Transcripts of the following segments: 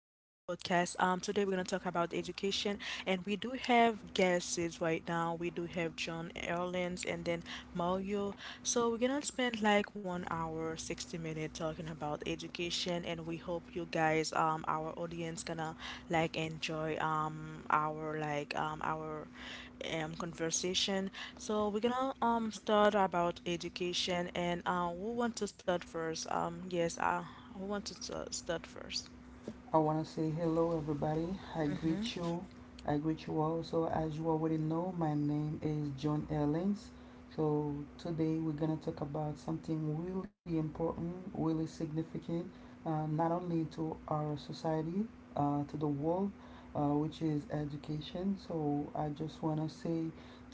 Today we're gonna talk about education, and we do have guests right now. We do have John Erlins and then Mario. So we're gonna spend like 1 hour, 60 minutes talking about education, and we hope you guys, our audience, gonna like enjoy our our conversation. So we're gonna start about education and we want to start first. Yes, we want to start first. I want to say hello, everybody. I greet you. I greet you all. So, as you already know, my name is John Ellens. So, today we're going to talk about something really important, really significant, not only to our society, to the world, which is education. So, I just want to say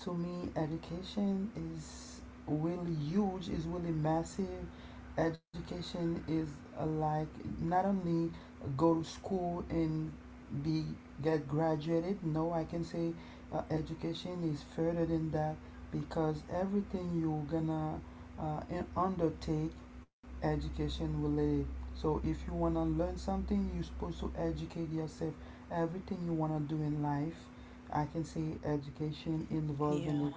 to me, education is really huge, is really massive. Education is uh, like not only go to school and be get graduated. No, I can say education is further than that, because everything you're gonna uh, undertake, education related. So if you wanna learn something, you're supposed to educate yourself. Everything you wanna do in life, I can say education involving Yeah. it.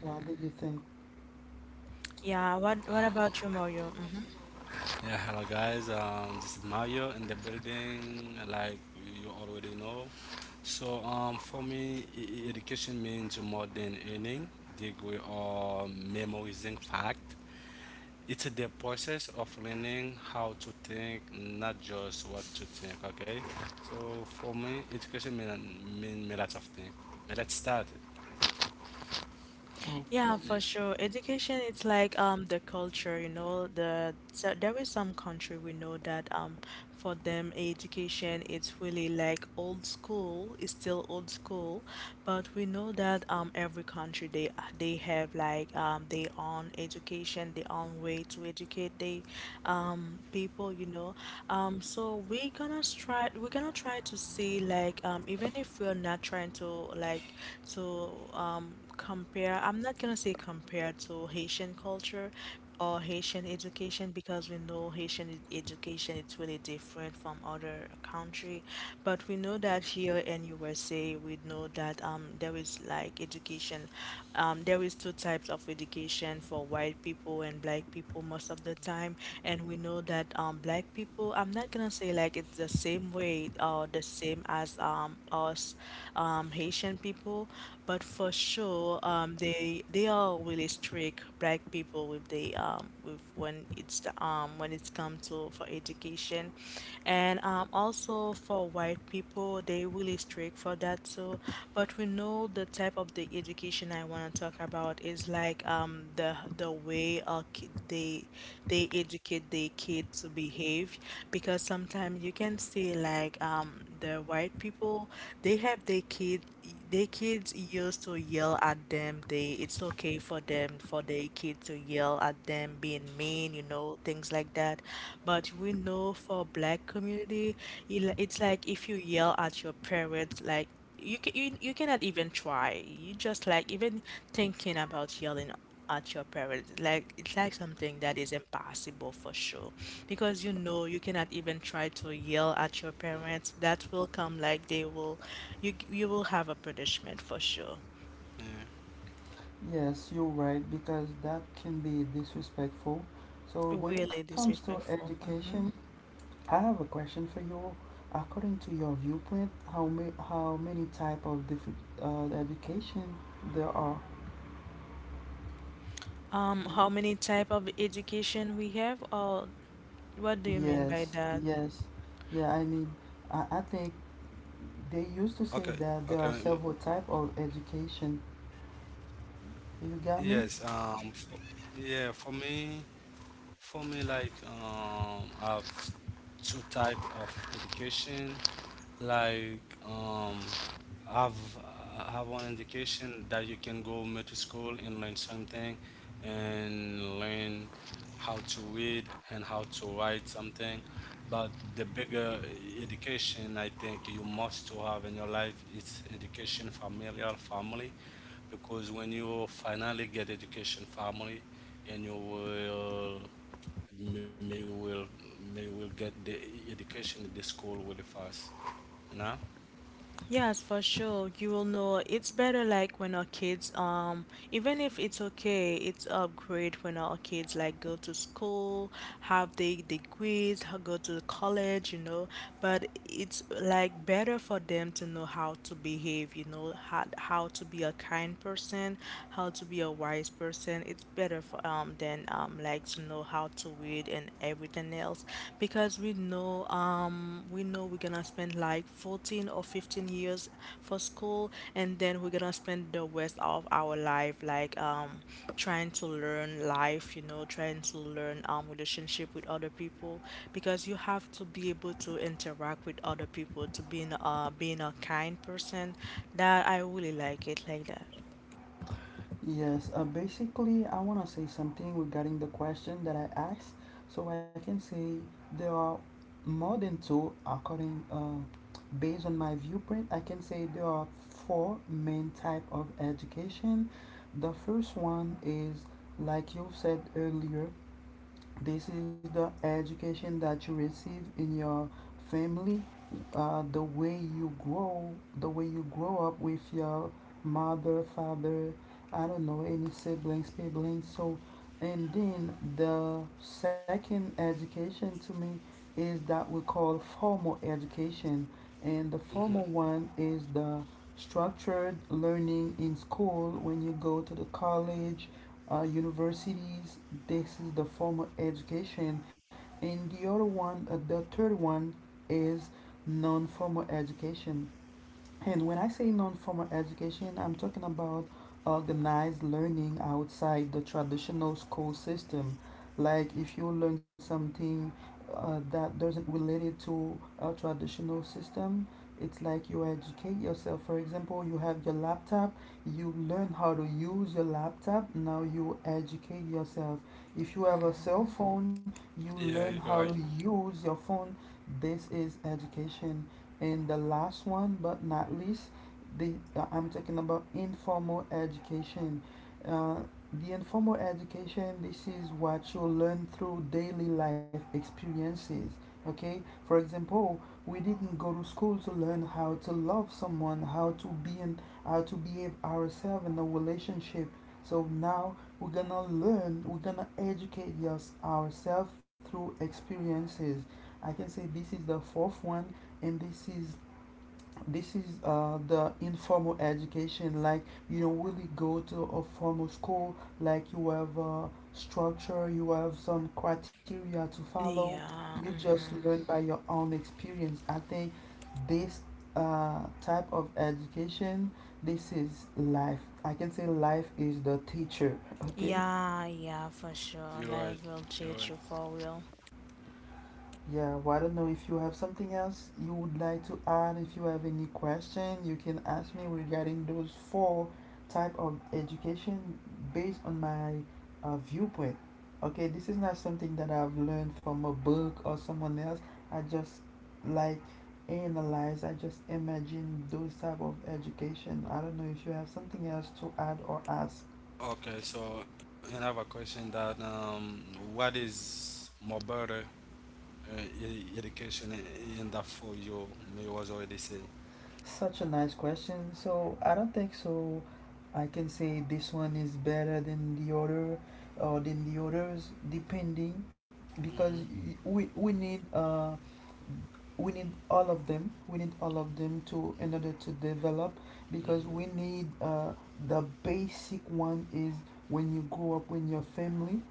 What do you think? Yeah, what about you, Mario? Mm-hmm. Yeah, hello guys. This is Mario in the building, like you already know. So for me, education means more than earning, degree, or memorizing fact. It's the process of learning how to think, not just what to think. Okay. So for me, education mean lots of things. But let's start. Okay. Yeah, for sure. Education, it's like the culture, you know, the so there is some country we know that for them education it's really like old school, it's still old school, but we know that every country they have like their own education, their own way to educate they people, you know. So we're gonna try to see like even if we're not trying to like to compare. I'm not gonna say compared to Haitian culture or Haitian education because we know Haitian education is really different from other country. But we know that here in USA, we know that there is like education. There is two types of education for white people and black people most of the time, and we know that black people. I'm not gonna say like it's the same way or the same as us Haitian people, but for sure so they are really strict black people with the with when it's come to for education, and also for white people they really strict for that too. But we know the type of the education I want to talk about is like the way they educate their kid to behave, because sometimes you can see like the white people, they have their kid, their kids used to yell at them, they it's okay for them for their kid to yell at them, being mean, you know, things like that. But we know for black community, it's like if you yell at your parents, like you can you cannot even try. You just like even thinking about yelling at your parents, like it's like something that is impossible for sure. Because you know you cannot even try to yell at your parents. That will come like they will you will have a punishment for sure. Yeah. Yes, you're right, because that can be disrespectful. So, when it Really comes to disrespectful. education, I have a question for you. According to your viewpoint, how many type of different education there are? How many type of education we have, or what do you mean Yes, by that? yes, yeah. I mean, I think they used to Okay. say that there are Okay. several type of education. You got me? Yes. Yeah. For me. For me, I've two type of education. Like um, I've I have one education that you can go middle school and learn something, and learn how to read and how to write something. But the bigger education I think you must to have in your life is education, familial family, because when you finally get education, family, and you will m- may will get the education in the school really fast. No. Yes, for sure. You will know it's better, like when our kids, even if it's okay, it's upgrade when our kids like go to school, have the degrees, go to college, you know. But it's like better for them to know how to behave, you know, how to be a kind person, how to be a wise person. It's better for than like to know how to read and everything else, because we know we're gonna spend like 14 or 15 years for school, and then we're gonna spend the rest of our life like trying to learn life, you know, trying to learn relationship with other people, because you have to be able to interact with other people to being being a kind person. That I really like it like that. Yes, basically, I want to say something regarding the question that I asked. So I can say there are more than two, according based on my viewpoint. I can say there are four main type of education. The first one is, like you said earlier, this is the education that you receive in your family, the way you grow, the way you grow up with your mother, father, I don't know, siblings. So, and then the second education to me is that we call formal education. And the formal Hmm. one is the structured learning in school when you go to the college universities. This is the formal education, and the other one, the third one, is non-formal education. And when I say non formal education, I'm talking about organized learning outside the traditional school system. Like if you learn something that doesn't related to a traditional system, it's like you educate yourself. For example, you have your laptop, you learn how to use your laptop, now you educate yourself. If you have a cell phone, you learn Yeah, how to you're right. use your phone. This is education. And the last one, but not least, the I'm talking about informal education. Uh, the informal education, this is what you learn through daily life experiences. Okay, for example, we didn't go to school to learn how to love someone, how to behave ourselves in a relationship. So now we're gonna educate us ourselves through experiences. I can say this is the fourth one, and this is the informal education. Like you don't really go to a formal school, like you have a structure, you have some criteria to follow, you Yeah, just mhm. learn by your own experience. I think this type of education, this is life. I can say life is the teacher. Okay. Yeah, yeah, for sure, life You're will right. change you You're right. for real. Yeah, well, I don't know if you have something else you would like to add. If you have any question, you can ask me regarding those four type of education based on my viewpoint. Okay, this is not something that I've learned from a book or someone else. I just like analyze. I just imagine those type of education. I don't know if you have something else to add or ask. Okay. So and I have a question that, what is more better, education in that for you may was already say. Such a nice question. So I don't think so. I can say this one is better than the other or than the others, depending, because Mm-hmm. we need we need all of them. We need all of them to in order to develop, because we Mm-hmm. need the basic one is when you grow up with your family,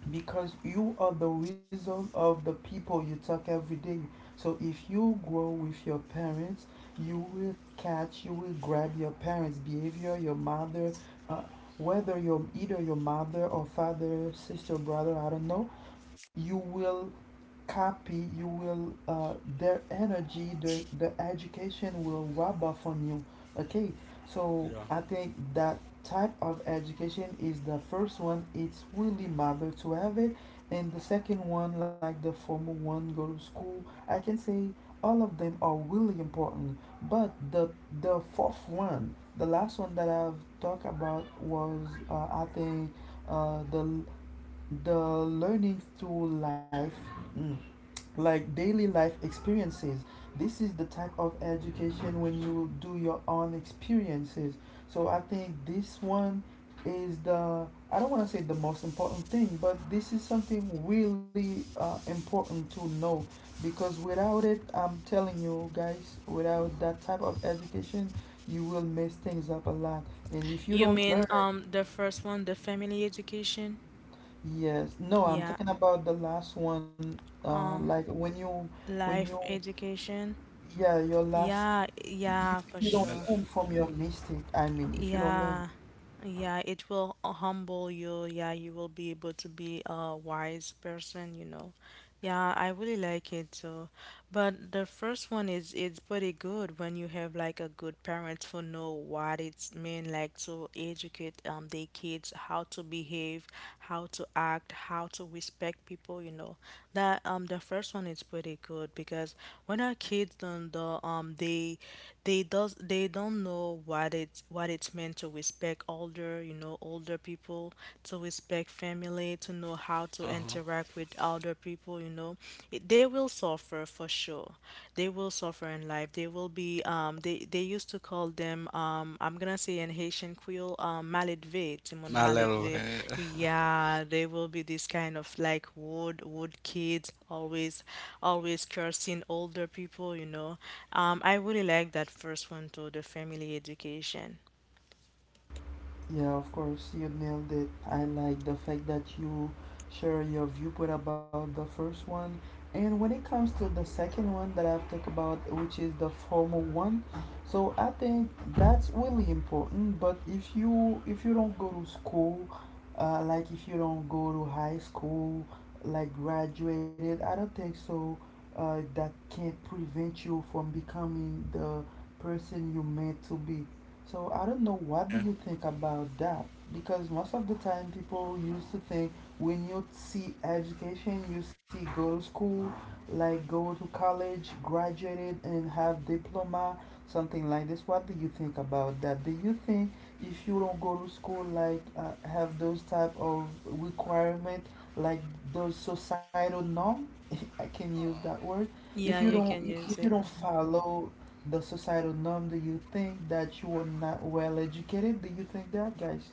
Yeah. because you are the reason of the people you talk every day. So if you grow with your parents, you will grab your parents' behavior, your mother, uh, whether your either your mother or father, sister, brother, I don't know, you will copy, you will their energy, the education will rub off on you. Okay, so Yeah. I think that type of education is the first one. It's really matter to have it, and the second one, like the formal one, go to school. I can say all of them are really important, but the fourth one, the last one that I've talked about was I think uh, the the learning through life, mm, like daily life experiences. This is the type of education when you do your own experiences. So I think this one is the, I don't want to say the most important thing, but this is something really important to know, because without it, I'm telling you guys, without that type of education, you will mess things up a lot. And if you You don't mean learn. The first one, the family education? Yes. No, I'm Yeah. talking about the last one. Uh, Um, like when you, when you, Life education. yeah, your last. Yeah, yeah, If for you don't sure. Learn from your Yeah. mistake, I mean, if you don't learn. Yeah. Yeah, it will humble you. Yeah, you will be able to be a wise person, you know. Yeah, I really like it so. But the first one is it's pretty good when you have like a good parents who know what it's mean like to educate their kids how to behave, how to act, how to respect people, you know. That the first one is pretty good, because when our kids don't know they don't know what it's meant to respect older, you know, older people, to respect family, to know how to Uh-huh. interact with older people, you know. They will suffer for sure. They will suffer in life. They will be they used to call them I'm gonna say in Haitian Creole maledve, Timon My little maledve. Yeah, they will be this kind of like wood kids, always always cursing older people, you know. I really like that first one too, the family education. Yeah, of course, you nailed it. I like the fact that you share your viewpoint about the first one. And when it comes to the second one that I've talked about, which is the formal one, so I think that's really important. But if you don't go to school, like if you don't go to high school, like graduated, I don't think so. That can't prevent you from becoming the person you meant to be. So I don't know, what do yeah. you think about that? Because most of the time people used to think when you see education you see go to school, like go to college, graduated and have diploma, something like this. What do you think about that? Do you think if you don't go to school, like have those type of requirement, like those societal norm, I can use that word, if Yeah, you you can don't, use if you it. don't follow the societal norm, do you think that you are not well educated? Do you think that, guys?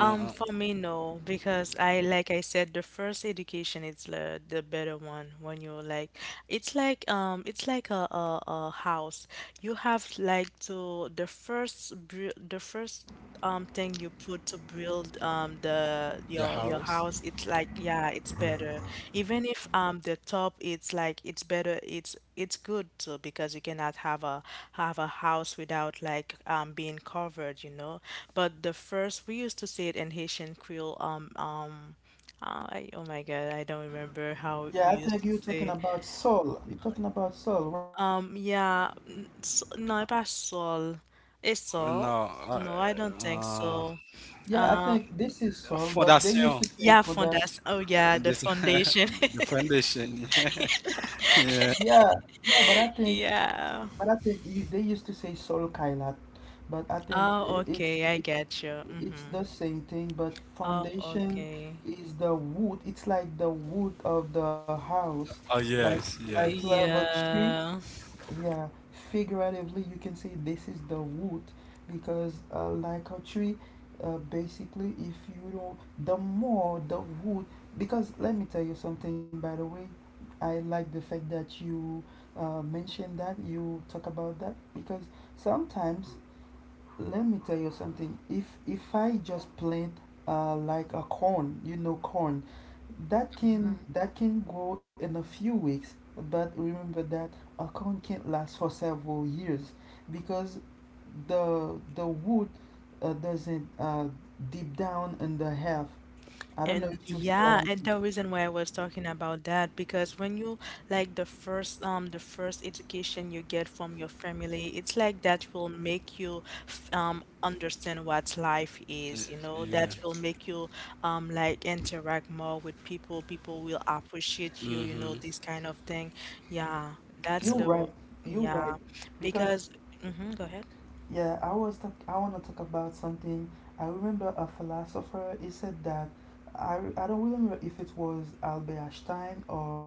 For me, no, because like I said, the first education is the better one. When you're like, it's like it's like a house. You have like to the first the first thing you put to build the The your house. house, it's like yeah, it's better, even if the top it's like it's better, it's good too, because you cannot have a have a house without like being covered, you know. But the first, we used to say it in Haitian Creole I, oh my God, I don't remember how Yeah, we I used think to you're talking say. about soul. You're talking about soul, right? No, pas sol. It's No sol. No, I don't think uh, so. Yeah, I Um, think this is soul, but they fondation. used to yeah, say for foundation. that, Oh yeah, the This, foundation. the foundation. Yeah. yeah, yeah but i think Yeah. but i think you, they used to say soul kailat, but I think, Oh, okay. it's I it, get you. it's Mm-hmm. the same thing, but Oh, foundation okay. is the wood, it's like the wood of the house, Oh like yes, like you have yes. a tree. Yeah. Yeah, figuratively you can say this is the wood, because like a tree, basically if you don't, the more the wood, because let me tell you something. By the way, I like the fact that you mentioned that, you talk about that, because sometimes, let me tell you something. If I just plant like a corn, you know, corn, that can, Mm-hmm. that can grow in a few weeks. But remember that a corn can't last for several years, because the wood doesn't deep down in the earth. I don't know And if you see what I yeah, and mean. the reason why I was talking about that, because when you like the first education you get from your family, it's like that will make you understand what life Y- is, you know, that Yeah. will make you like interact more with people, people will appreciate you, you know, Mm-hmm. this kind of thing. Yeah, that's You're Yeah. the right. You're yeah, right. Because, because mhm, go ahead. yeah, I want to talk about something. I remember a philosopher, he said that, I don't really remember if it was Albert Einstein or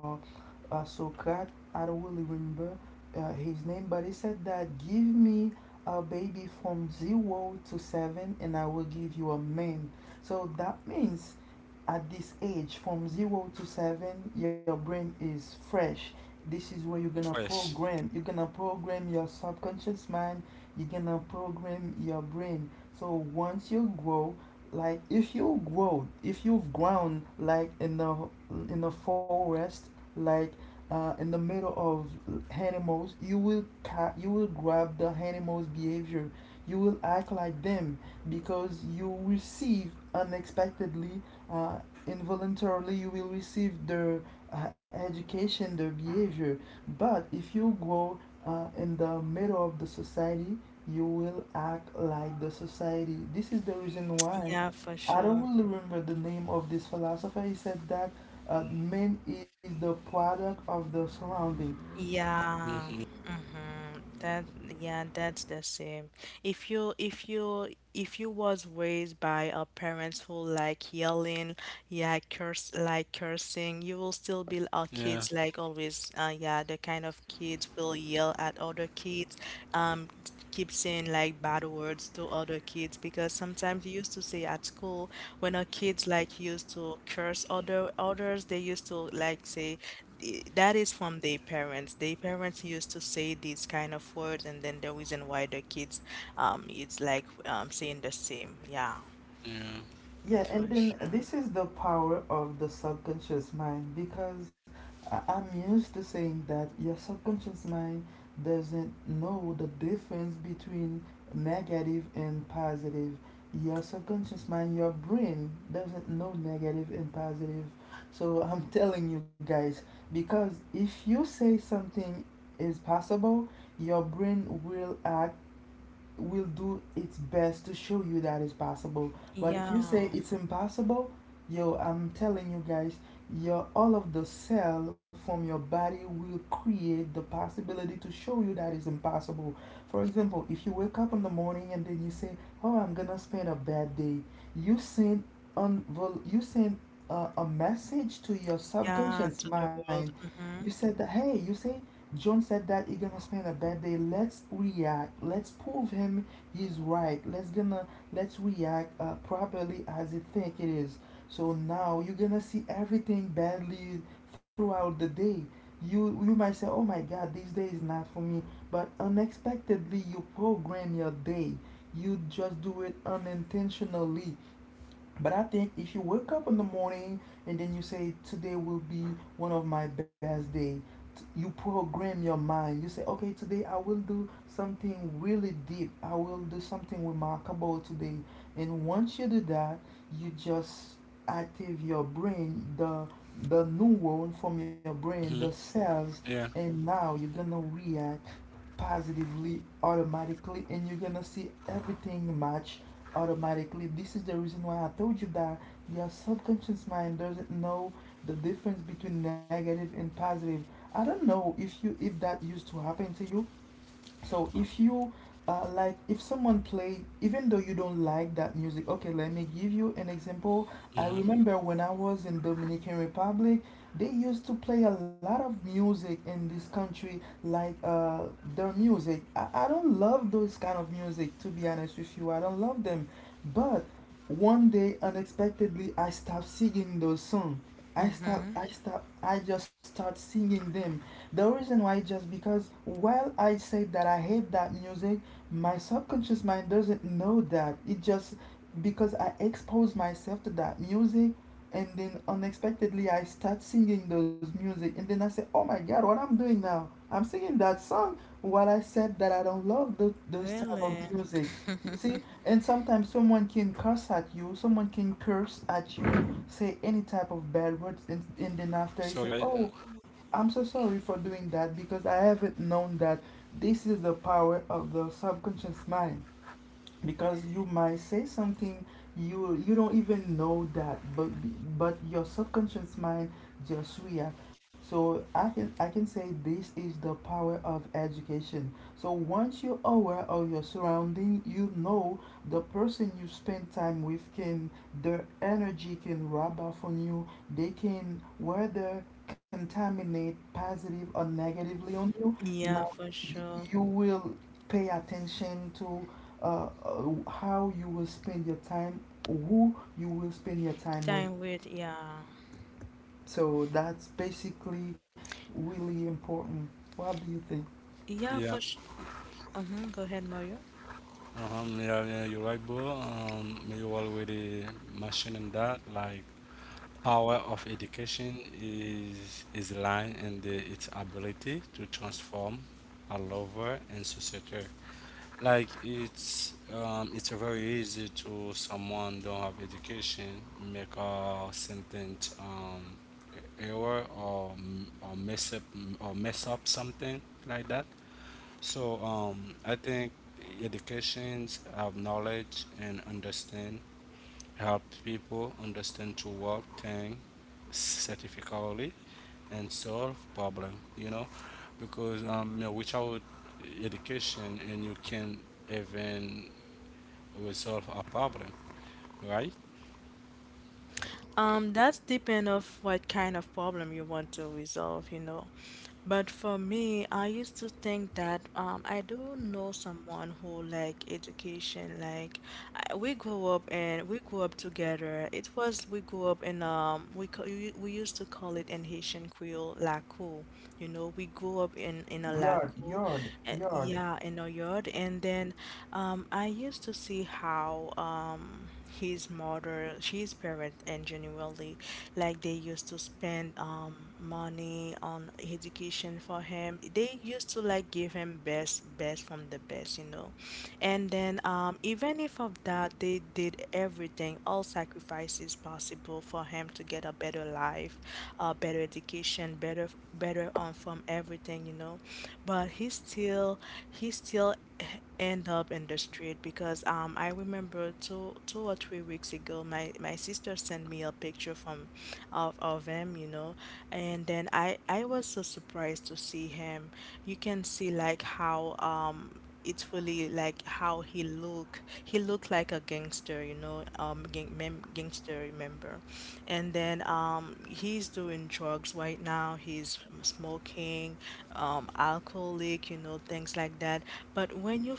Socrates. I don't really remember his name, but he said that, give me a baby from 0 to 7, and I will give you a man. So that means at this age, from 0 to 7, your brain is fresh. This is where you're gonna Fresh. program. You're gonna program your subconscious mind, you're gonna program your brain. So once you grow, like if you grow, if you've grown like in the forest, like in the middle of animals, you will grab the animals behavior, you will act like them, because you receive unexpectedly, uh, involuntarily, you will receive their education, their behavior. But if you grow, in the middle of the society, you will act like the society. This is the reason why, Yeah, for I don't sure. really remember the name of this philosopher, he said that man is the product of the surrounding. Yeah. Mm-hmm. Mm-hmm. That yeah, that's the same. If you if you was raised by a parents who like yelling, yeah, curse like Yeah. cursing. You will still be our kids like always. Yeah, the kind of kids will yell at other kids, keep saying like bad words to other kids, because sometimes you used to say at school when our kids like used to curse other others, they used to like say, That is from their parents. Their parents used to say these kind of words, and then the reason why the kids it's like saying the same. Yeah, Yeah. for Yeah, and then sure. this is the power of the subconscious mind, because I'm used to saying that your subconscious mind doesn't know the difference between negative and positive. Your subconscious mind, your brain doesn't know negative and positive. So I'm telling you guys, because if you say something is possible, your brain will act, will do its best to show you that it's possible. But if you say Yeah. it's impossible, yo, I'm telling you guys, your all of the cell from your body will create the possibility to show you that is impossible. For example, if you wake up in the morning and then you say, "Oh, I'm gonna spend a bad day," you send you send a message to your Yeah, subconscious to the mind. world. You Mhm. said that, hey, you say John said that he's gonna spend a bad day. Let's react. Let's prove him he's right. Let's react properly as he think it is. So now you're gonna see everything badly throughout the day. You might say, oh my God, this day is not for me. But unexpectedly, you program your day. You just do it unintentionally. But I think if you wake up in the morning and then you say, Today will be one of my best day, you program your mind. You say, Okay, today I will do something really deep. I will do something remarkable today. And once you do that, you just active your brain, the neuron from your Mm-hmm. brain, the cells, Yeah. and now you're gonna react positively automatically and you're gonna see everything match automatically. This is the reason why I told you that your subconscious mind doesn't know the difference between negative and positive. I don't know if that used to happen to you, so if you like if someone play even though you don't like that music, okay, let me give you an example. I Mm-hmm. remember when I was in Dominican Republic. They used to play a lot of music in this country, like, their music. I don't love those kind of music, to be honest with you, I don't love them. But one day unexpectedly I stopped singing those songs. i stop Mhm. i stop I just start singing them. The reason why is just because while I say that I hate that music, my subconscious mind doesn't know that. It just, because I expose myself to that music, and then unexpectedly I start singing those music and then I say, Oh my god, what I'm doing now? I'm singing that song while I said that I don't love those type of Really? music. You see? And sometimes someone can curse at you, someone can curse at So you're you, right. say any type of bad words, and then after you said, Oh, I'm so sorry for doing that because I haven't known that. This is the power of the subconscious mind, because you might say something you don't even know that, but your subconscious mind just react. So I can, I can say this is the power of education. So once you're aware of your surrounding, you know, the person you spend time with can, their energy can rub off on you. They can whether contaminate positive or negatively on you. Yeah, Now, for y- sure. you will pay attention to how you will spend your time, who you will spend your time with. Time with, yeah. So that's basically really important. What do you think? Yeah, for Yeah. sure. Uh-huh. Go ahead, Mario. Uh-huh. Yeah, yeah, you're right, bro. You already mentioning that, like, power of education is lying in the, its ability to transform a lover and society. Like, it's very easy to someone don't have education, make a sentence, error or mess up, or mess up something like that. So, I think educations have knowledge and understand, help people understand to work thing certificately and solve problem, you know, because, you know, without education, and you can even resolve a problem, right? That's depend of what kind of problem you want to resolve, you know. But for me, I used to think that I do know someone who like education. Like we grew up and we grew up together. It was we grew up in we ca- we used to call it in Haitian Creole laco. You know, we grew up in a Yard, laco, yard, yard. yeah, in a yard. And then I used to see how his mother, his parents, and generally like they used to spend money on education for him. They used to like give him best from the best, you know. And then even if of that, they did everything, all sacrifices possible for him to get a better life, a better education, better from everything, you know. But he he still end up in the street, because I remember two or three weeks ago, my sister sent me a picture from of him, you know, and then I was so surprised to see him. You can see like how it's really like how he look. He looked like a gangster, you know, gangster member. And then he's doing drugs right now. He's smoking, alcoholic, you know, things like that. But when you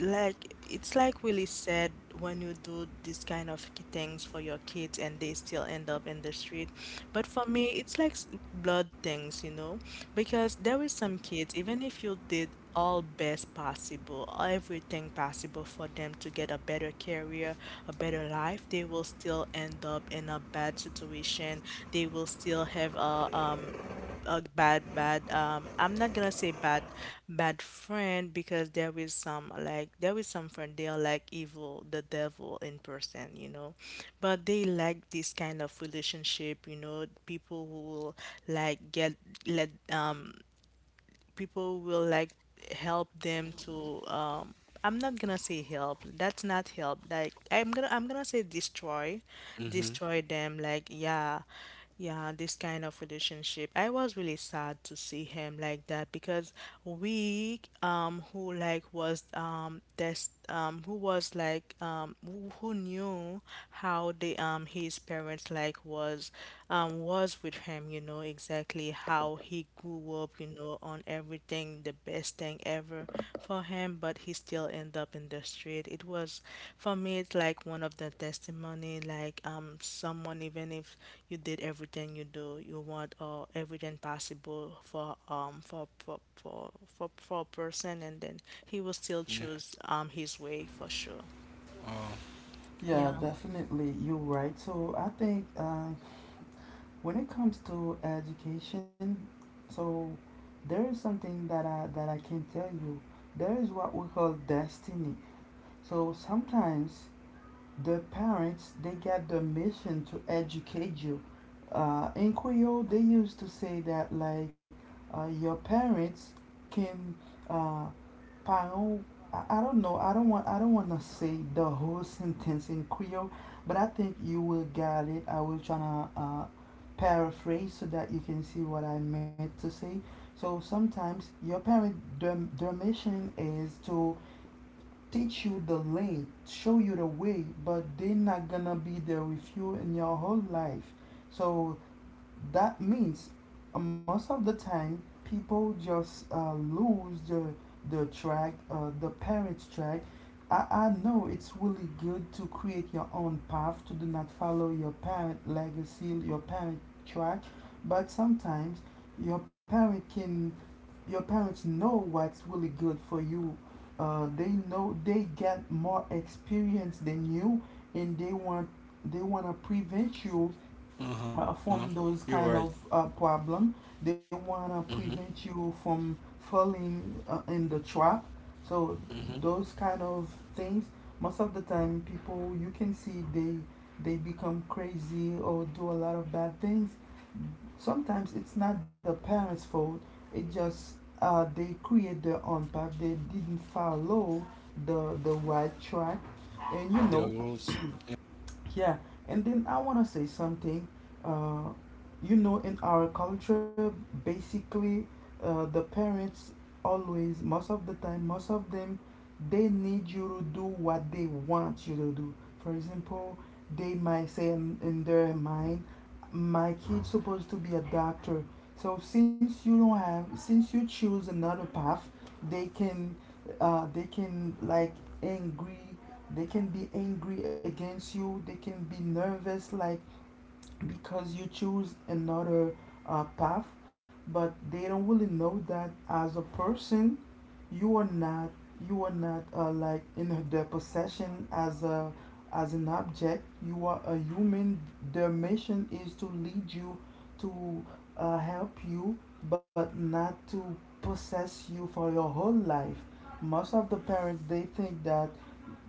like it's like Willie said, when you do these kind of things for your kids and they still end up in the street. But for me, it's like blood things, you know, because there is some kids, even if you did all best possible, everything possible for them to get a better career, a better life, they will still end up in a bad situation. They will still have a bad I'm not gonna say bad bad friend, because there is some like there is some friend, they are like evil, the devil in person, you know. But they like this kind of relationship, you know, people who will like get let people will like help them to I'm not gonna say help. That's not help. Like I'm gonna say destroy. Mm-hmm. Destroy them, like, yeah. Yeah, this kind of relationship. I was really sad to see him like that because we, who like was this, who was like who knew how the his parents like was, was with him, you know, exactly how he grew up, you know, on everything the best thing ever for him, but he still end up in the street. It was for me. It's like one of the testimony. Like, someone, even if you did everything you do, you want, or everything possible for a person, and then he will still Yeah. choose his way, for sure. Oh. Yeah, Yeah. definitely. You're right. So I think, when it comes to education, so there is something that I can tell you. There is what we call destiny. So sometimes the parents they get the mission to educate you, in Creole they used to say that, like, your parents can, uh, parent, I don't know, I don't want to say the whole sentence in Creole, but I think you will get it. I will try to paraphrase so that you can see what I meant to say. So sometimes your parent, their mission is to teach you the lane, show you the way, but they're not gonna be there with you in your whole life. So that means, most of the time people just lose the track, the parents track. I know it's really good to create your own path to do not follow your parent legacy, your parent track, but sometimes your parent can your parents know what's really good for you. They know they get more experience than you, and they want to prevent you Uh-huh. From You're those right. kind of problem. They wanna Mm-hmm. prevent you from falling in the trap. So Mm-hmm. those kind of things, most of the time, people you can see they become crazy or do a lot of bad things. Sometimes it's not the parents' fault. It just, they create their own path. They didn't follow the right track, and you The know. rules. Yeah, and then I want to say something. Uh, you know, in our culture, basically, the parents always, most of the time, most of them, they need you to do what they want you to do. For example, they might say in their mind, my kid's supposed to be a doctor. So since you don't have, since you choose another path, they can, they can like angry, they can be nervous, like, because you choose another path. But they don't really know that as a person, you are not you are not, like in their possession as a, as an object. You are a human. Their mission is to lead you to, help you, but not to possess you for your whole life. Most of the parents they think that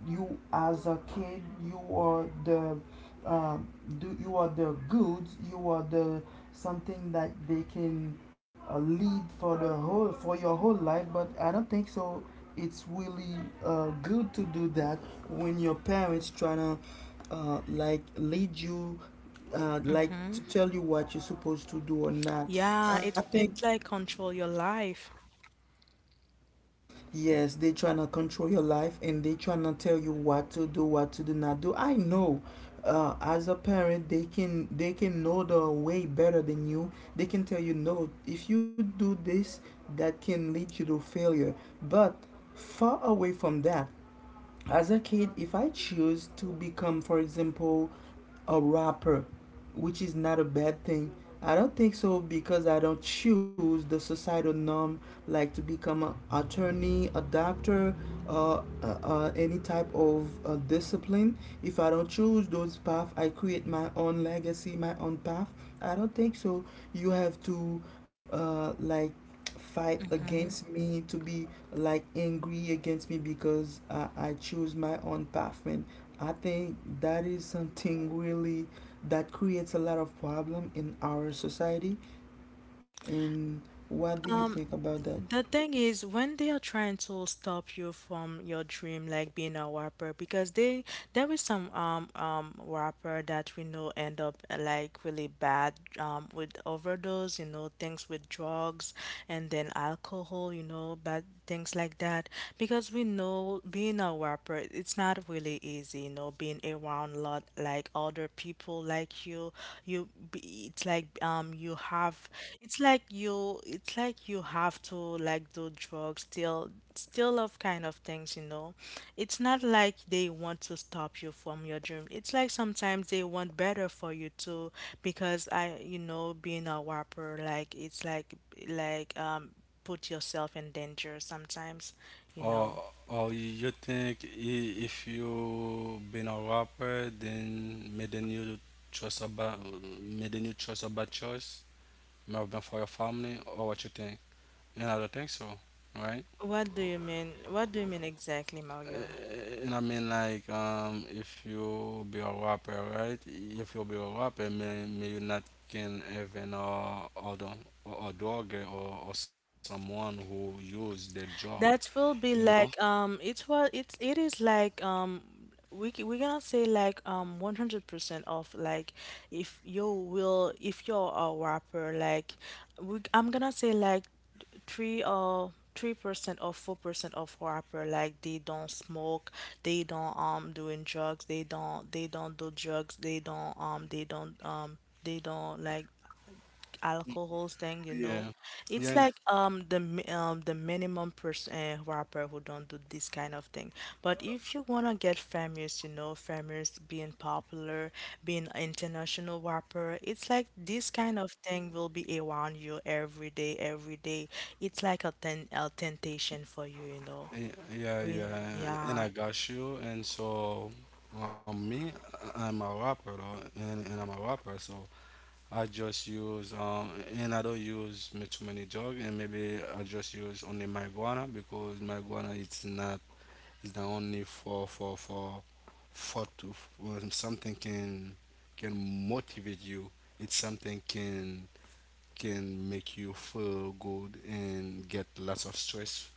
you as a kid, you are the, uh, do you are the goods, you are the something that they can, lead for the whole for your whole life. But I don't think so. It's really, good to do that when your parents trying to, like lead you, like Mm-hmm. to tell you what you're supposed to do or not. Yeah. I It think, it's like control your life. Yes, they trying to control your life and they trying to tell you what to do not do. I know, as a parent, they can know the way better than you. They can tell you no. If you do this, that can lead you to failure. But far away from that, as a kid, if I choose to become, for example, a rapper, which is not a bad thing, I don't think so, because I don't choose the societal norm, like to become an attorney, a doctor, any type of discipline. If I don't choose those paths, I create my own legacy, my own path. I don't think so. You have to, like, fight against me to be like angry against me because I choose my own path, and I think that is something really that creates a lot of problem in our society, and what do you think Um, about that? the thing is, when they are trying to stop you from your dream, like being a rapper, because they there is some rapper that we know end up, like really bad, with overdose, you know, things with drugs, and then alcohol, you know, bad things like that. Because we know being a rapper, it's not really easy, you know, being around lot like other people like It's like, you have, it's like you, it's like you have to like do drugs, still of kind of things, you know. It's not like they want to stop you from your dream. It's like sometimes they want better for you too, because I, being a whopper, like it's like, like um put yourself in danger sometimes, you know. Or, or you think, if you been a rapper, then maybe you trust about, maybe you trust about choice, maybe for your family, or what you think? And I don't think so, right? What do you mean exactly, Mario? And I mean, like, if you be a rapper, right? If you be a rapper, may you not can even, other, or a dog, or someone who use the drug, That you will be know? like, it's what, it is like, we gonna say like, 100% off. Like, if you're a rapper, like, we I'm gonna say like three percent or 4% of rapper, like they don't smoke, they don't, doing drugs, they don't, they don't do drugs, they don't, they don't, they don't like alcohols thing, you know. Yeah, yeah, It's and- like, the minimum person, rapper who don't do this kind of thing. But if you wanna get famous, you know, famous, being popular, being international rapper, it's like this kind of thing will be around you every day, every day. It's like a temptation for you, you know. yeah, yeah. We, Yeah. And yeah. I got you. And so, me, I'm a rapper, though, and I'm a rapper, so. I just use, and I don't use too many drugs, and maybe I just use only marijuana, because marijuana, it's not, it's not only for to, when something can motivate you, it's something can make you feel good and get lots of stress,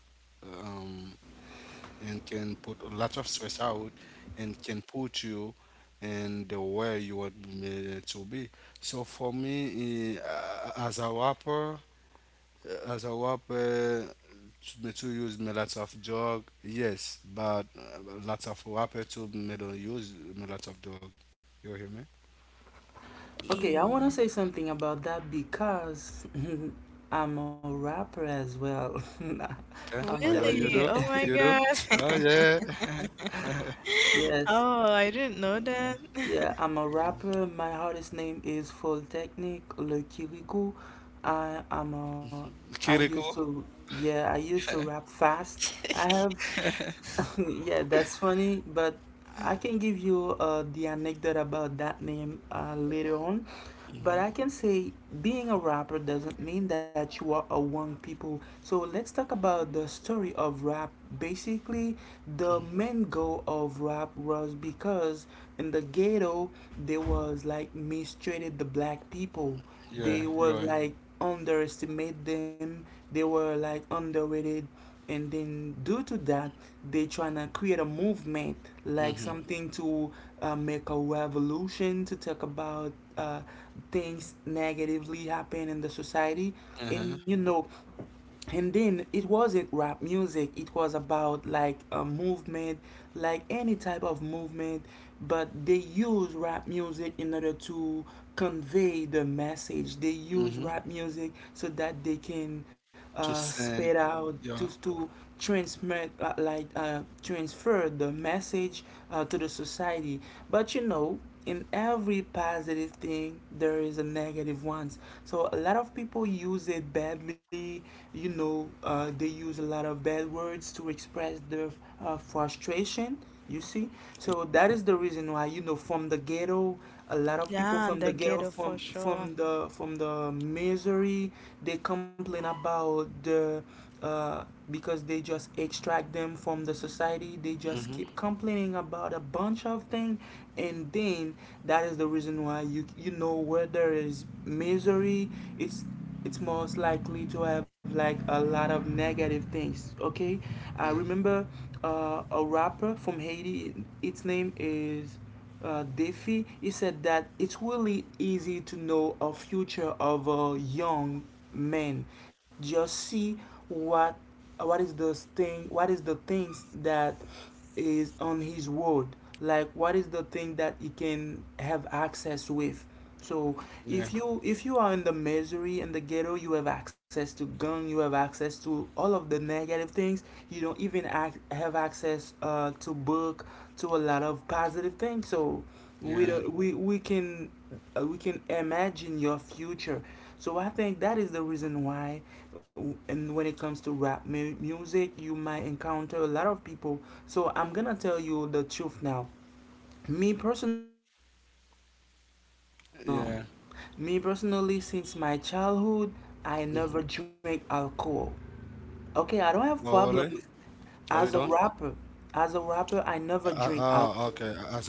um, and can put a lot of stress out, and can put you in the way you want me to be. So for me, as a rapper, to, me to use me lots of drug, yes, but, lots of rapper to me don't use me lots of drug. You hear me? Okay, I want to E- say something about that because I'm a rapper as well. Yeah? I'm Oh, you, telling you Really? do? Oh my you. You do? Oh, God. yeah. Yes, Oh, I didn't know that. yeah, I'm a rapper. My artist name is Foltechnic Le Kirikou. I I'm a I used Kiriko? to, yeah, I used to rap fast. I have, yeah, that's funny, but I can give you the anecdote about that name later on. But Hmm. I can say being a rapper doesn't mean that you are among people. So let's talk about the story of rap. Basically, the main goal of rap was because in the ghetto, they was like mistreated the black people. Yeah, They you was are. like underestimate them. They were like underrated, and then due to that, they trying to create a movement, like Mm-hmm. something to, make a revolution to talk about, uh, things negatively happen in the society. And you Uh-huh. know, and then it wasn't rap music, it was about like a movement, like any type of movement, but they use rap music in order to convey the message. They use Mm-hmm. rap music so that they can, To spread send. out to Yeah. to transmit, like, transfer the message to the society. But you know, in every positive thing there is a negative one. So a lot of people use it badly, you know, they use a lot of bad words to express their frustration. You see? So that is the reason why, you know, from the ghetto, a lot of people Yeah, from the the ghetto, ghetto, for sure. From the misery, they complain about the, uh, because they just extract them from the society. They just Mm-hmm. keep complaining about a bunch of things, and then that is the reason why, you know, where there is misery, it's it's most likely to have like a lot of negative things. Okay, I Yeah. remember a rapper from Haiti. Its name is, Daffy. He said that it's really easy to know a future of a young man. Just see what what is the thing what is the things that is on his world. Like what is the thing that he can have access with. So Yeah. If you are in the misery and the ghetto, you have access to gun, you have access to all of the negative things. You don't even act have access to book, to a lot of positive things. So we don't, Yeah. We can imagine your future. So I think that is the reason why, and when it comes to rap music, you might encounter a lot of people. So I'm gonna tell you the truth now. Me personally. um, Yeah. Me personally, since my childhood, I never Mm. drink alcohol. Okay, I don't have problem Oh, with really? as Are a you done? rapper. As a rapper, I Uh, never drink oh, okay. Alcohol. As a rapper.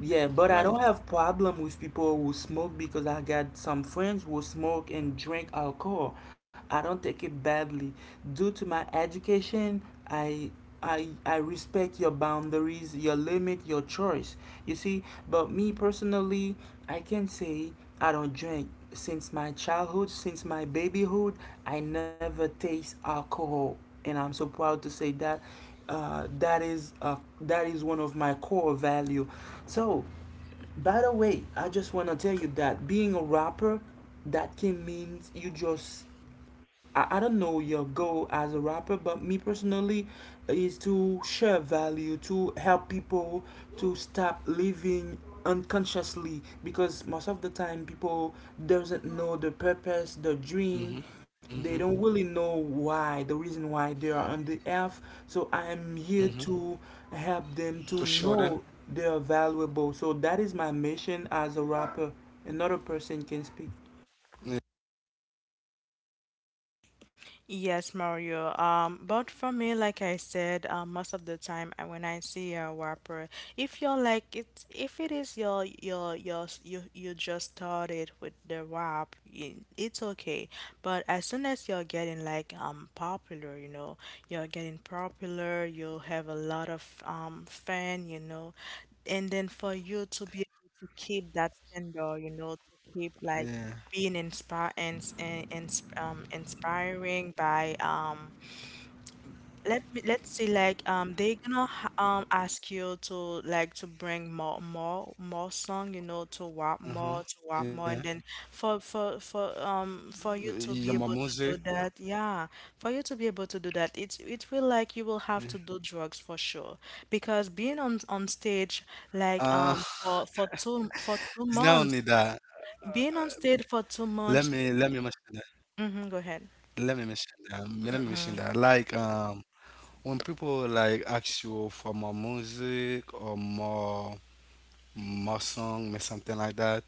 Yeah, Right. but I don't have problem with people who smoke because I got some friends who smoke and drink alcohol. I don't take it badly. Due to my education, I I respect your boundaries, your limit, your choice. You see, but me personally, I can say I don't drink. Since my childhood, since my babyhood, I never taste alcohol. And I'm so proud to say that that is that is one of my core value. So by the way, I just wanna tell you that being a rapper, that can means you just. I don't know your goal as a rapper, but me personally is to share value, to help people to stop living unconsciously because most of the time people doesn't know the purpose, the dream, Mm-hmm. they don't Mm-hmm. really know why the reason why they are on the earth. So I am here Mm-hmm. to help them to To show them. know they are valuable. So that is my mission as a rapper. Another person can speak. Yeah. Yes, Mario. But for me, like I said, most of the time I, when I see a wrapper, if you're like it, if it is your you you just started with the wrap, it's okay. But as soon as you're getting like, popular, you know, you're getting popular, you have a lot of, fan, you know, and then for you to be able to keep that standard, you know, to keep like Yeah. being inspi, and inspiring by, let me let's say like, they gonna ask you to, like, to bring more song, you know, to what more, Uh-huh. to what more, Yeah. and then for for for Yeah, my um for you music. to be able to do that, yeah, for you to be able to do that, it's, it will Yeah. like, you will have to do drugs for sure, because being on stage, Uh, like, for it's not two only months that. being on stage for two Let me, months let me mention that. Hmm, go ahead. Let me mention that. Let me mention that. When people like ask you for more music or more Mustang, may something like that.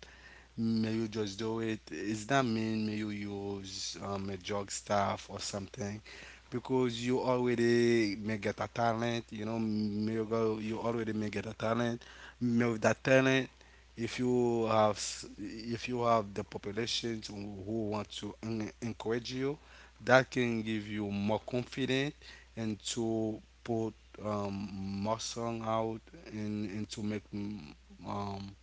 May you just do it. Is that mean may you use, a drug stuff or something? Because you already may get a talent, you know, may you go, you already may get a talent. May with that talent, if you have, if you have the population to, who want to encourage you, that can give you more confidence and to put, more song out, and to make um,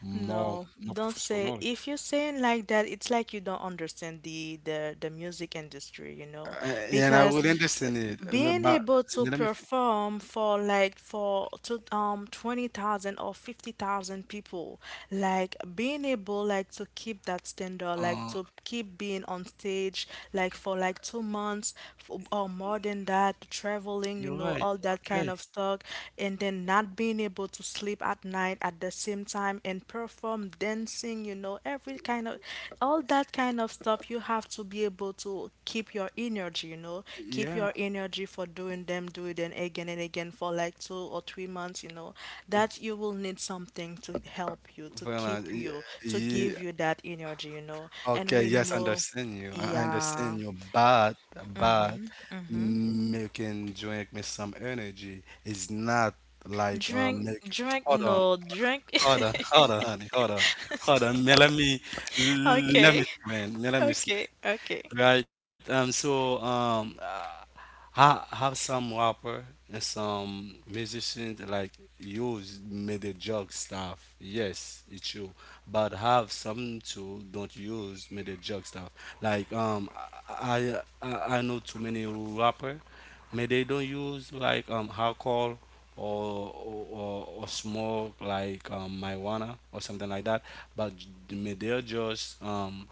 more, No, more don't say. professional. If you're saying like that, it's like you don't understand the the music industry, you know, Uh, and I because would understand it, I mean, being but able I to mean, let me finish. perform for like, for, to, 20,000 or 50,000 people, like being able like to keep that standard, like Uh, to keep being on stage like for like 2 months, or more than that, you're traveling, you right. know, all that Okay. kind of stuff, and then not being able to sleep at night at the same time, and perform, dancing, you know, every kind of, all that kind of stuff, you have to be able to keep your energy, you know, keep Yeah. your energy for doing them, do it and again for like 2 or 3 months, you know. That you will need something to help you to Well, keep you, to yeah, give you that energy, you know, and okay. we Yes, I know, understand you. I yeah. understand you, but making drink me some energy is not like, drink make. drink Hold on, no, drink. hold on, hold on, honey, hold on, hold on. Man, let me, let me Okay. explain. Man, let me explain. Okay, okay. Right. So. I have some rapper and some musicians like you made the drug stuff. Yes, it's true. But have some too don't use made the drug stuff. Like, I I know too many rapper, may they don't use like, alcohol, or smoke like, marijuana or something like that. But may they just,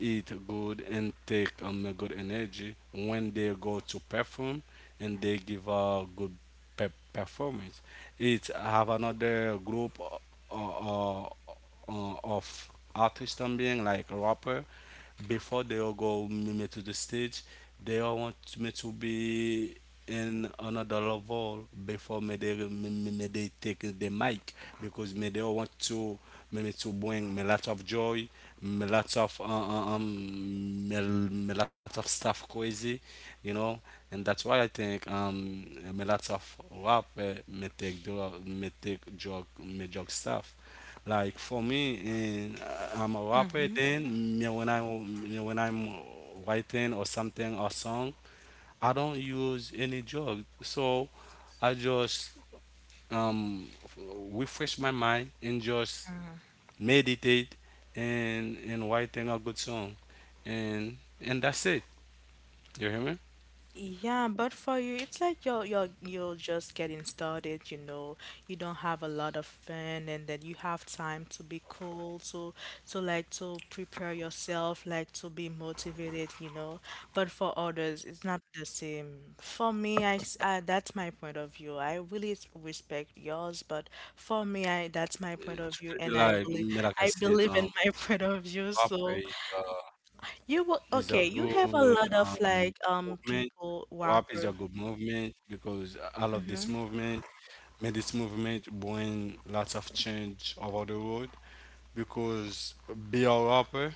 eat good and take, a good energy when they go to perform, and they give a good performance. It have another group, of artists también, like rapper, before they all go me to the stage, they all want me to be in another level before me they they take the mic, because me they want to, me, me to bring me lot of joy, me lots of, me, me lot of stuff crazy, you know, and that's why I think, me lots of rap, me take drug, me drug stuff. Like for me, in, I'm a rapper. Mm-hmm. Then me when I me when I'm writing or something or song, I don't use any drug. So I just, um, refresh my mind and just Mm-hmm. meditate, and writing a good song, and that's it. You hear me? Yeah, but for you, it's like you're just getting started, you know. You don't have a lot of fun, and then you have time to be cool, to like, to prepare yourself, like to be motivated, you know. But for others, it's not the same. For me, I, that's my point of view. I really respect yours, but for me, I, that's my point It's of view, really and like, I really, like I I said, believe in my point of view. rap So, a you will, is a okay, you have a good, lot of, um, like, movement. people Rap is a whopper. good movement because I love this Mm-hmm. movement. May this movement bring lots of change over the world, because be a rapper,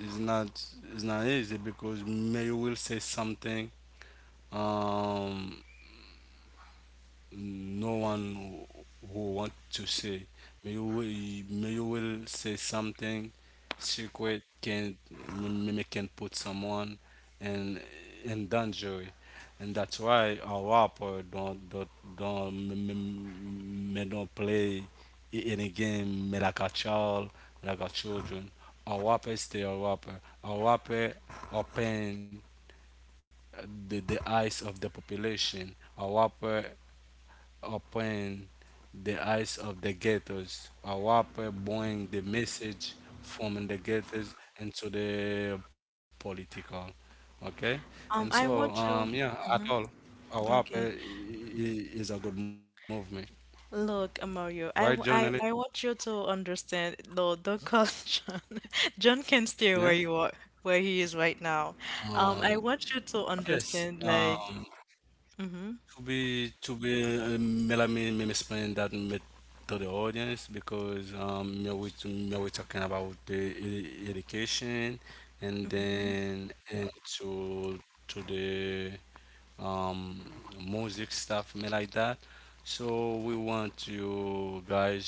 it's not, it's not easy, because maybe you will say something, um no one who want to say. May you, may you will say something secret can may can put someone in in danger, and that's why a rapper don't may don't play any game may like a child, like a children. A rapper stay a rapper. A rapper open the eyes of the population. A rapper open the eyes of the ghettos. AWAPE bring the message from the ghettos into the political. Okay? And so, I want you. yeah, at all, Hmm. AWAPE Okay. Is a good movement. Look, White Mario, I, journalist, I want you to understand. No, don't call John. John can yeah? stay where you are, where he is right now. Um, I want you to yes. understand, like, mm-hmm. to be to be, me, let me explain that myth to the audience, because, me we talking about the education, and then and to to the, um music stuff me like that. So we want you guys,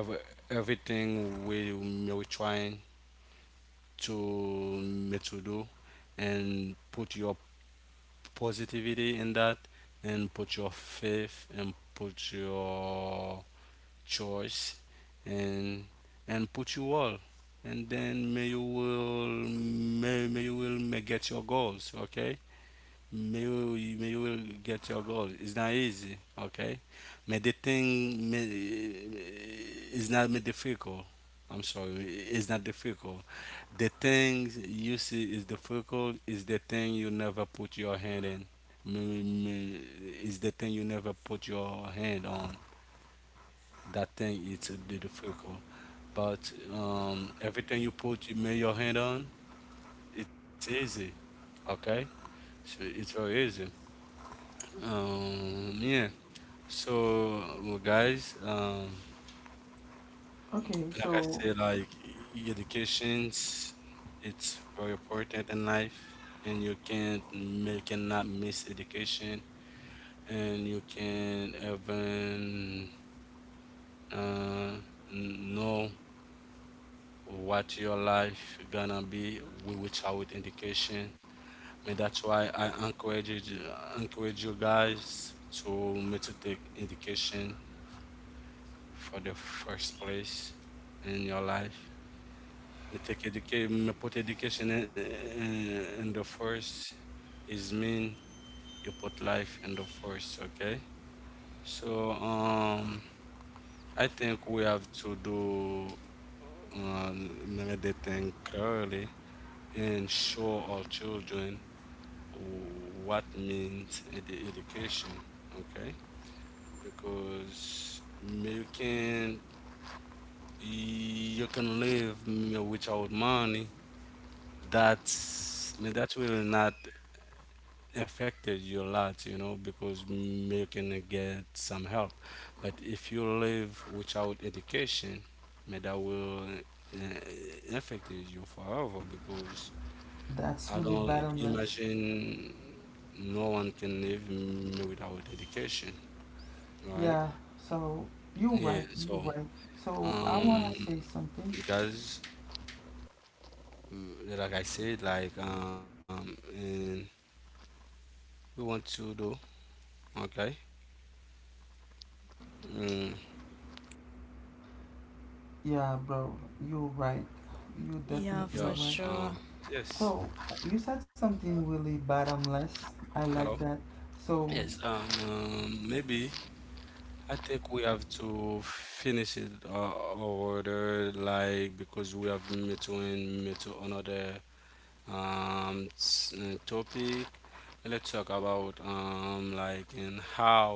every, everything we me we trying to me to do, and put your positivity in that, and put your faith, and put your choice, and and put you all, and then may you will may you will may get your goals, okay, may you will get your goal. It's not easy, okay? May the thing may, is not may difficult. I'm sorry, it's not difficult. The things you see is difficult is the thing you never put your hand in. May- may- Is the thing you never put your hand on. That thing it's the difficult. But, everything you put you may your hand on, it's easy, okay? So it's very easy. Yeah. So, well, guys, Okay, like I so said, like, educations, it's very important in life, and you can't make cannot miss education, and you can even, uh, know what your life gonna be without education. And that's why I encourage you guys to me to take education for the first place in your life. I take education, put education in, in the first, is mean you put life in the first, okay? So, I think we have to do, uh, another thing clearly, and show our children what means the education, okay? Because you can, you can live without money. That's, I mean, that will not affected you a lot, you know, because, you can get some help. But if you live without education, man, that will, uh, affect you forever. Because that's I really don't bottomless. imagine no one can live, without education, right? Yeah, so you're Yeah, right, so, you're right. So I um, wanna say something. guys, like I said, like, and we want to do okay. Mm, Yeah, bro, you're right. You're Yeah, definitely yeah, for right. sure. um, yes. So you said something really bottomless. I like Hello. that. So Yes, maybe I think we have to finish it, order like, because we have met to met to another, topic. Let's talk about, like in how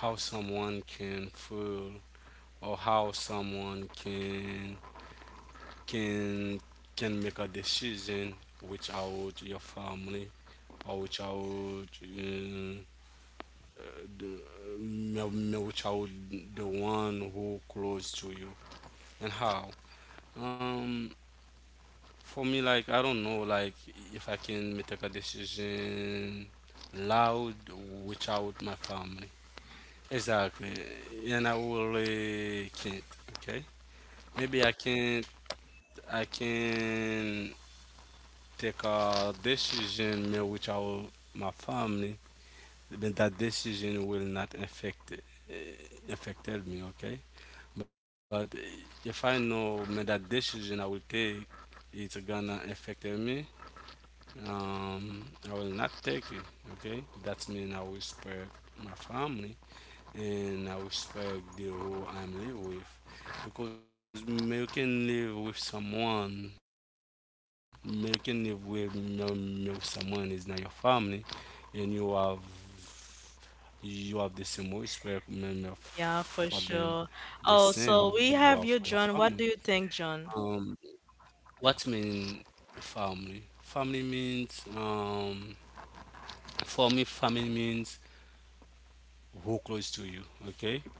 how someone can feel, or how someone can can make a decision without your family, or without, the Melchior, the one who close to you, and how? Um, for me, like I don't know, like if I can make a decision loud without my family. Exactly, and I really can't. Okay, maybe I can't. I can take a decision maybe without my family, but that decision will not affect, affected me. Okay. But if I know me that decision I will take, it's gonna affect me. I will not take it. Okay, that means I will respect my family, and I respect the who I'm live with, because me you can live with someone, me you can live with me, me with someone is not your family, and you have, you have the same respect, me, f- for Yeah, for them, sure. the Oh, same so you we have have for your you, John. family. What do you think, John? Um, What mean family? Family means, for me family means who close to you, okay?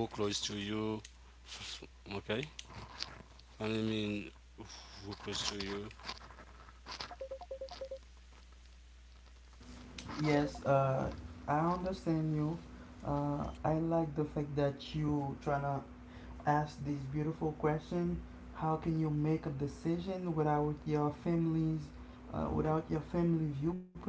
Who close to you, f- okay? Family mean who close to you. yes, I understand you. I like the fact that you tryna asked this beautiful question, how can you make a decision without your family's without your family viewpoint?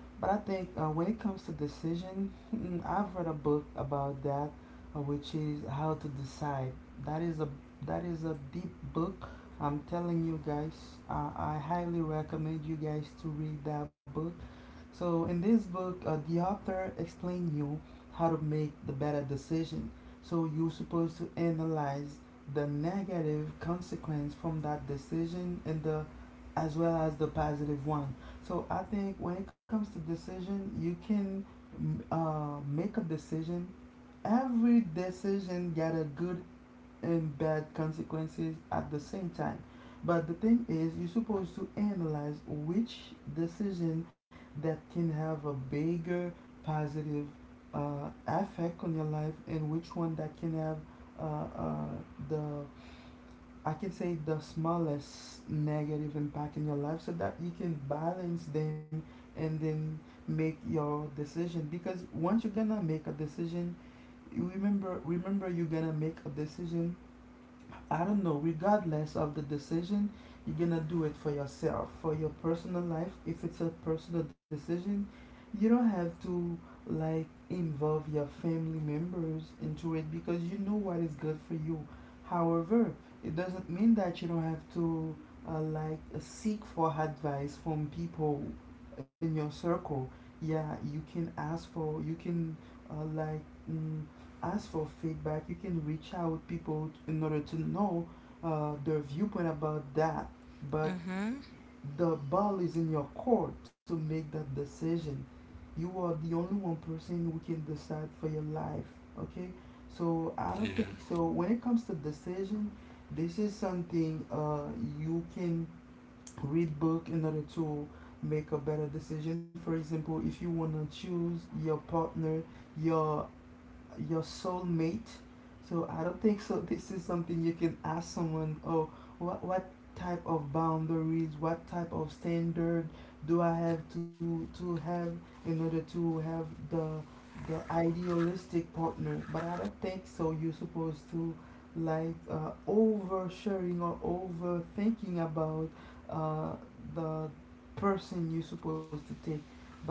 But I think when it comes to decision, I've read a book about that, which is how to decide. That is a that is a deep book, I'm telling you guys. I highly recommend you guys to read that book. So in this book, the author explain you how to make the better decision. So you're supposed to analyze the negative consequence from that decision and the as well as the positive one. So I think when it comes to decision, you can make a decision. Every decision got a good and bad consequences at the same time. But the thing is, you're supposed to analyze which decision that can have a bigger positive effect on your life, and which one that can have uh, uh, the I can say the smallest negative impact in your life, so that you can balance them and then make your decision. Because once you're gonna make a decision, you remember you're gonna make a decision. I don't know, regardless of the decision, you're gonna do it for yourself, for your personal life. If it's a personal decision, you don't have to like involve your family members into it because you know what is good for you. However, it doesn't mean that you don't have to seek for advice from people in your circle. Yeah, you can ask for, you can uh, like mm, ask for feedback. You can reach out people in order to know their viewpoint about that. But Mm-hmm. the ball is in your court to make that decision. You are the only one person who can decide for your life. Okay, so I don't think Yeah, so. When it comes to decision, this is something you can read book in order to make a better decision. For example, if you wanna choose your partner, your your soulmate. So I don't think so. This is something you can ask someone. Oh, what type of boundaries? What type of standard do I have to have in order to have the idealistic partner? But I don't think so. You're supposed to like oversharing or overthinking about uh, the person you're supposed to take. But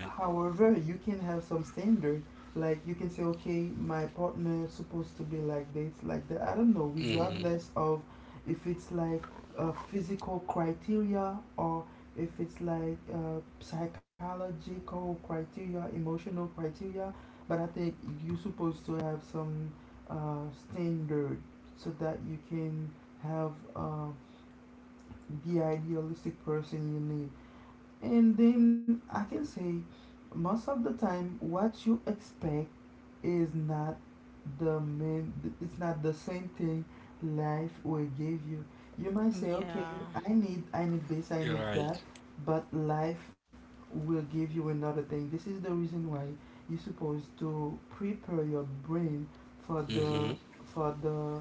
you're right. you can have some standard, like you can say okay, my partner is supposed to be like this like that, I don't know, Mhm. regardless of if it's like a physical criteria or if it's like psychological criteria, emotional criteria. But I think you're supposed to have some uh, standard so that you can have the idealistic person you need. And then I can say most of the time what you expect is not the main, it's not the same thing life will give you. You might say okay, Yeah. I need I need this, I need You're that, right. but life will give you another thing. This is the reason why you're supposed to prepare your brain for the Mhm. for the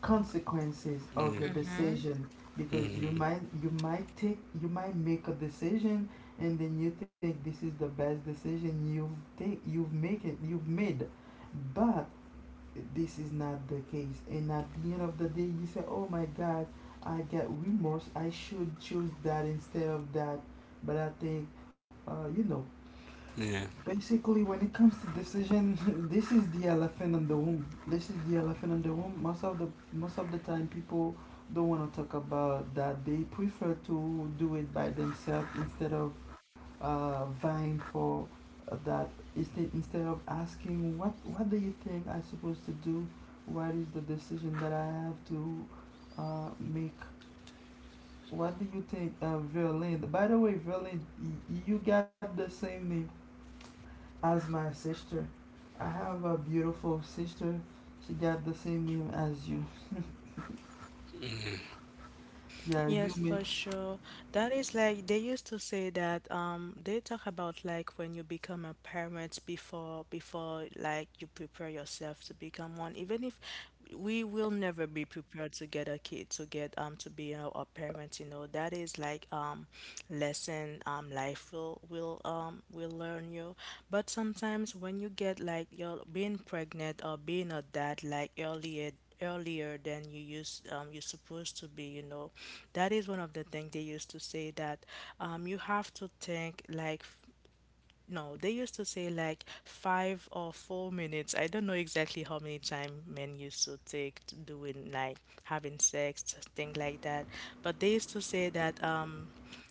consequences of your Mm. Mm-hmm. decision, because you might Mhm. you might take you might make a decision, and then you think this is the best decision you've take you've make it you've made. But this is not the case, and at the end of the day you say, oh my god, I get remorse, I should choose that instead of that. But I think you know. Yeah. Basically, when it comes to decision, this is the elephant in the room. This is the elephant in the room. Most of the time, people don't want to talk about that. They prefer to do it by themselves instead of vying for that. Instead of asking what do you think I'm supposed to do? What is the decision that I have to make? What do you think, Verlaine? By the way, Verlaine, you got the same name as my sister. I have a beautiful sister. She got the same name as you. Mhm. Yeah, you Yes, may. for sure. That is like they used to say that, they talk about like when you become a parent before, like you prepare yourself to become one. Even if we will never be prepared to get a kid, to get, to be a parent, you know, that is like, lesson, life will, will learn you. But sometimes when you get like you're being pregnant or being a dad, like earlier, than you used you're supposed to be, you know. That is one of the things they used to say, that, you have to think like, no, they used to say like 5 or 4 minutes. I don't know exactly how many time men used to take to doing like having sex, thing like that. But they used to say that,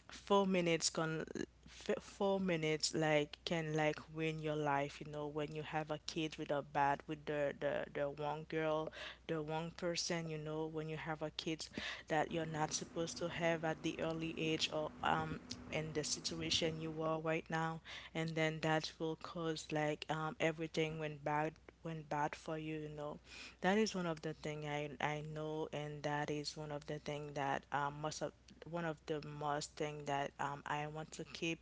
4 minutes can, 4 minutes like can like win your life. You know, when you have a kid with a bad, with the one girl, the one person. You know, when you have a kid that you're not supposed to have at the early age, or, in the situation you are right now, and then that will cause, like, everything went bad, for you. You know, that is one of the thing I, know, and that is one of the thing that, most of, one of the most thing that, I want to keep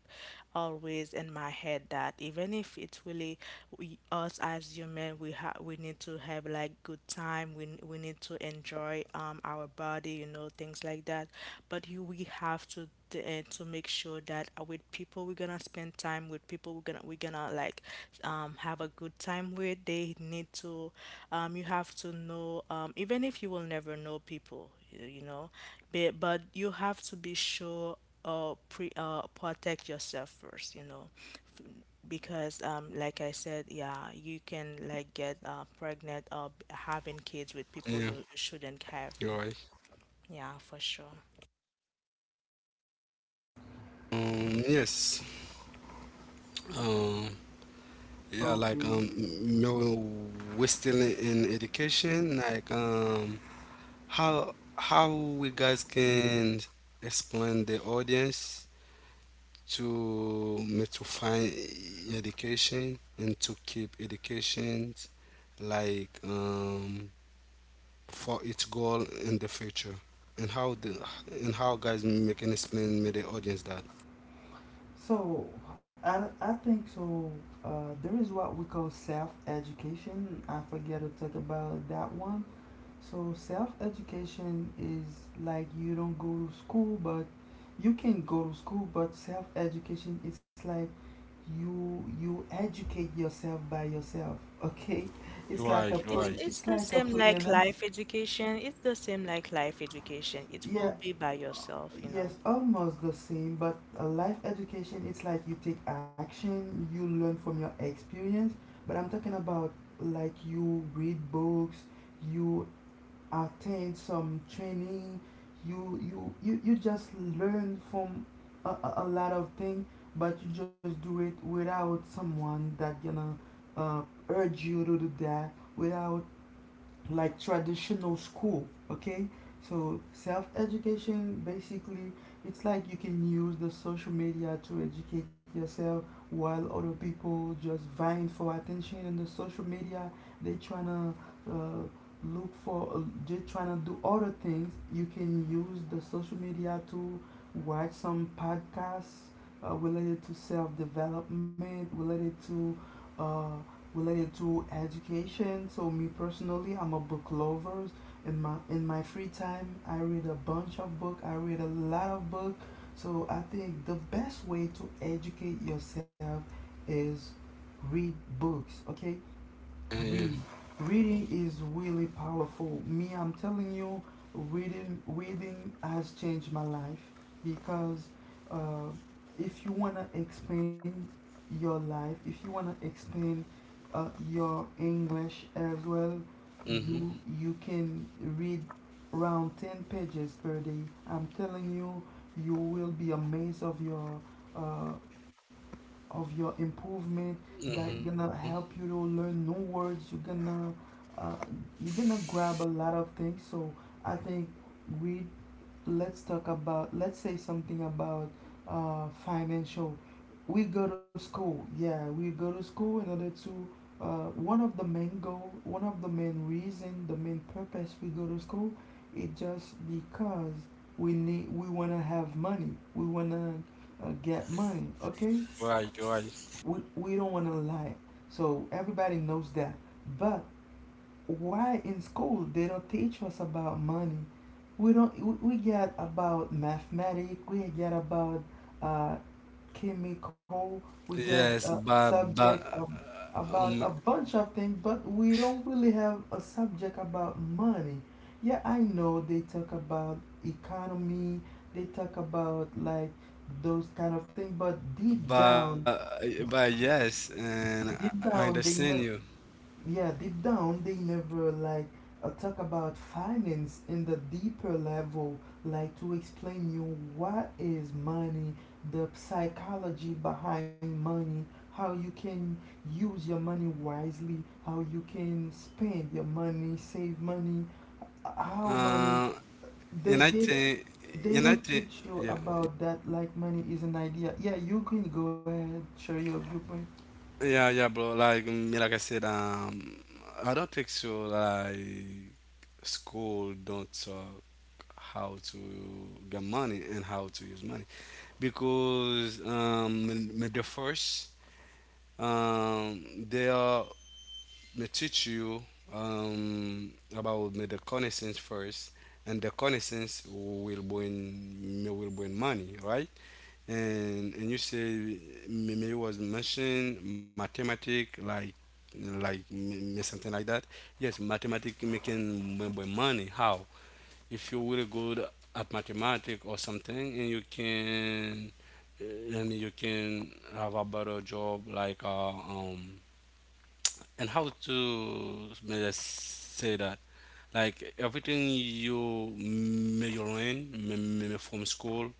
always in my head. That even if it's really, we, us as human, we have, we need to have like good time, we, we need to enjoy, our body, you know, things like that. But you, we have to to make sure that, with people we're gonna spend time, with people we're gonna, like, have a good time with, they need to, you have to know, even if you will never know people, you know, but, you have to be sure, pre protect yourself first, you know. Because, like I said, yeah, you can like get, pregnant, or having kids with people you Yeah. shouldn't You're have, right. you know. Yeah, for sure. Yes. Um. Yeah. Like, Okay. um, we're still in education. Like. How we guys can explain the audience to me to find education, and to keep education, like, for its goal in the future, and how the, and how guys make can explain me the audience that. So I think so. There is what we call self education. I forget to talk about that one. So self education is like you don't go to school, but you can go to school. But self education it's like you educate yourself by yourself. Okay, it's like a Right, It's plea. right. it's It's the like a same like pleonasm. life education. It's the same like life education. It will Yeah, be by yourself, you yes, know. almost the same, but a life education, it's like you take action, you learn from your experience. But I'm talking about like you read books, you attend some training, you just learn from a lot of things, but you just do it without someone that gonna uh, urge you to do that, without like traditional school. Okay, so self-education basically it's like you can use the social media to educate yourself while other people just vying for attention in the social media. They trying to look for they trying to do other things. You can use the social media to watch some podcasts related to self-development, related to uh, related to education. So me personally, I'm a book lover. In my free time, I read a bunch of book. I read a lot of book. So I think the best way to educate yourself is read books. Okay, yeah. read reading is really powerful, me I'm telling you. Reading has changed my life because uh, if you want to expand your life, if you want to expand your english as well, Mm-hmm. you can read around 10 pages per day. I'm telling you, you will be amazed uh, of your improvement. That Mm-hmm. gonna help you to learn new words, uh, you're gonna grab a lot of things. So I think we let's talk about, let's say something about financial. We go to school, yeah, we go to school in order to one of the main goal, one of the main reason, the main purpose we go to school. It just because we need, we want to have money, we want to get money. Okay, Right, right. We don't want to lie. So everybody knows that. But why in school they don't teach us about money? We don't. We get about mathematics. We get about uh, chemical. We get a Yes, but subject but about um a bunch of things, but we don't really have a subject about money. Yeah, I know they talk about economy. They talk about like those kind of things, but but but yes, and deep I down they understand know. you. Yeah, deep down they never like talk about finance in the deeper level, like to explain you what is money, the psychology behind money, how you can use your money wisely, how you can spend your money, save money, how money Uh, they and I did think, they and I don't think, teach you yeah, about that, like money is an idea. Yeah, you can go ahead, share your viewpoint. yeah, yeah, bro. Like, me, like I said, I don't think so. Like, school don't talk how to get money and how to use money, because, the first, they are me teach you, about me the connaissance first, and the connaissance will bring me will bring money, right? And you say maybe was mentioned mathematic like, something like that. Yes, mathematic making money how. If you're really good at mathematics or something, and you can, and you can have a better job like, and how to may I say that, like everything you may you learn may from school,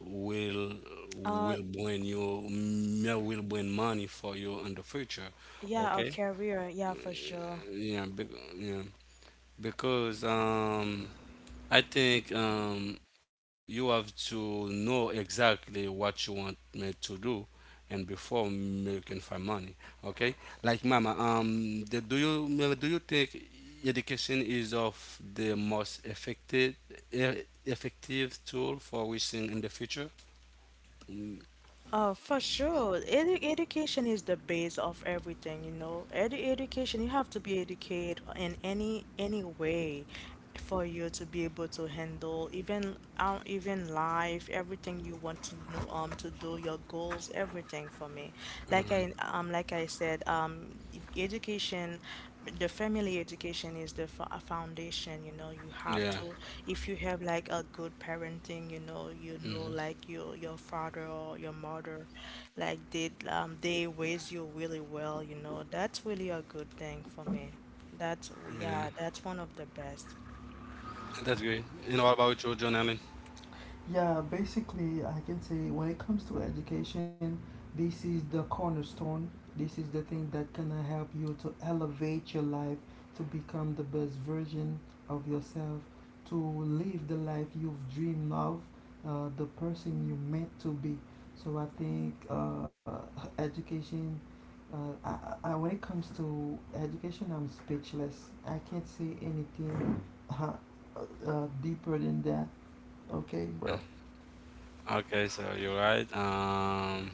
will Uh will bring you may will bring money for you in the future. yeah, a Okay, career, yeah, for sure. yeah, be, yeah, because, I think, you have to know exactly what you want me to do, and before me you can find money, okay? Like mama, the, do you mama, do you think education is of the most effective effective tool for wishing in the future? For sure. Edu education is the base of everything, you know. Edu education, you have to be educated in any way for you to be able to handle even out, even life, everything you want to know, to do, your goals, everything, for me. Like I said, education, the family education is the a foundation, you know. You have Yeah. to, if you have like a good parenting, you know, Hmm. like your father or your mother, like they, they raise you really well, you know. That's really a good thing for me. That's, Yeah. yeah, that's one of the best. That's great. And what about you, John Allen? Yeah, basically, I can say when it comes to education, this is the cornerstone. This is the thing that can help you to elevate your life, to become the best version of yourself, to live the life you've dreamed of, the person you meant to be. So I think education. When it comes to education, I'm speechless. I can't say anything uh, deeper than that. Okay, bro. Okay, so you're right.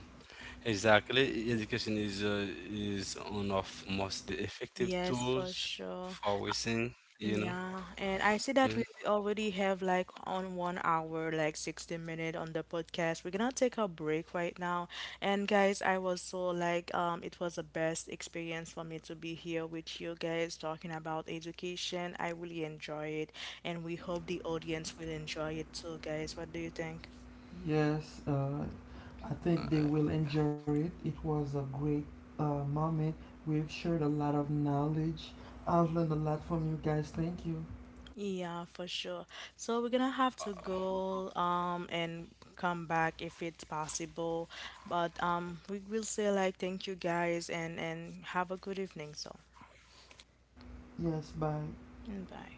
Exactly. Education is, is one of most effective Yes, for tools for sure. wasting, you know. Yeah, and I Yeah. see that we already have like on 1 hour, like 60 minute on the podcast. We're gonna take a break right now. And guys, I was so like, it was the best experience for me to be here with you guys talking about education. I really enjoy it, and we hope the audience will enjoy it too, guys. What do you think? Yes, I think they will enjoy it. It was a great moment. We've shared a lot of knowledge. I've learned a lot from you guys. Thank you. Yeah, for sure. So we're gonna have to go, and come back if it's possible. But, we will say like thank you guys, and have a good evening. So, Yes, bye. mm, bye.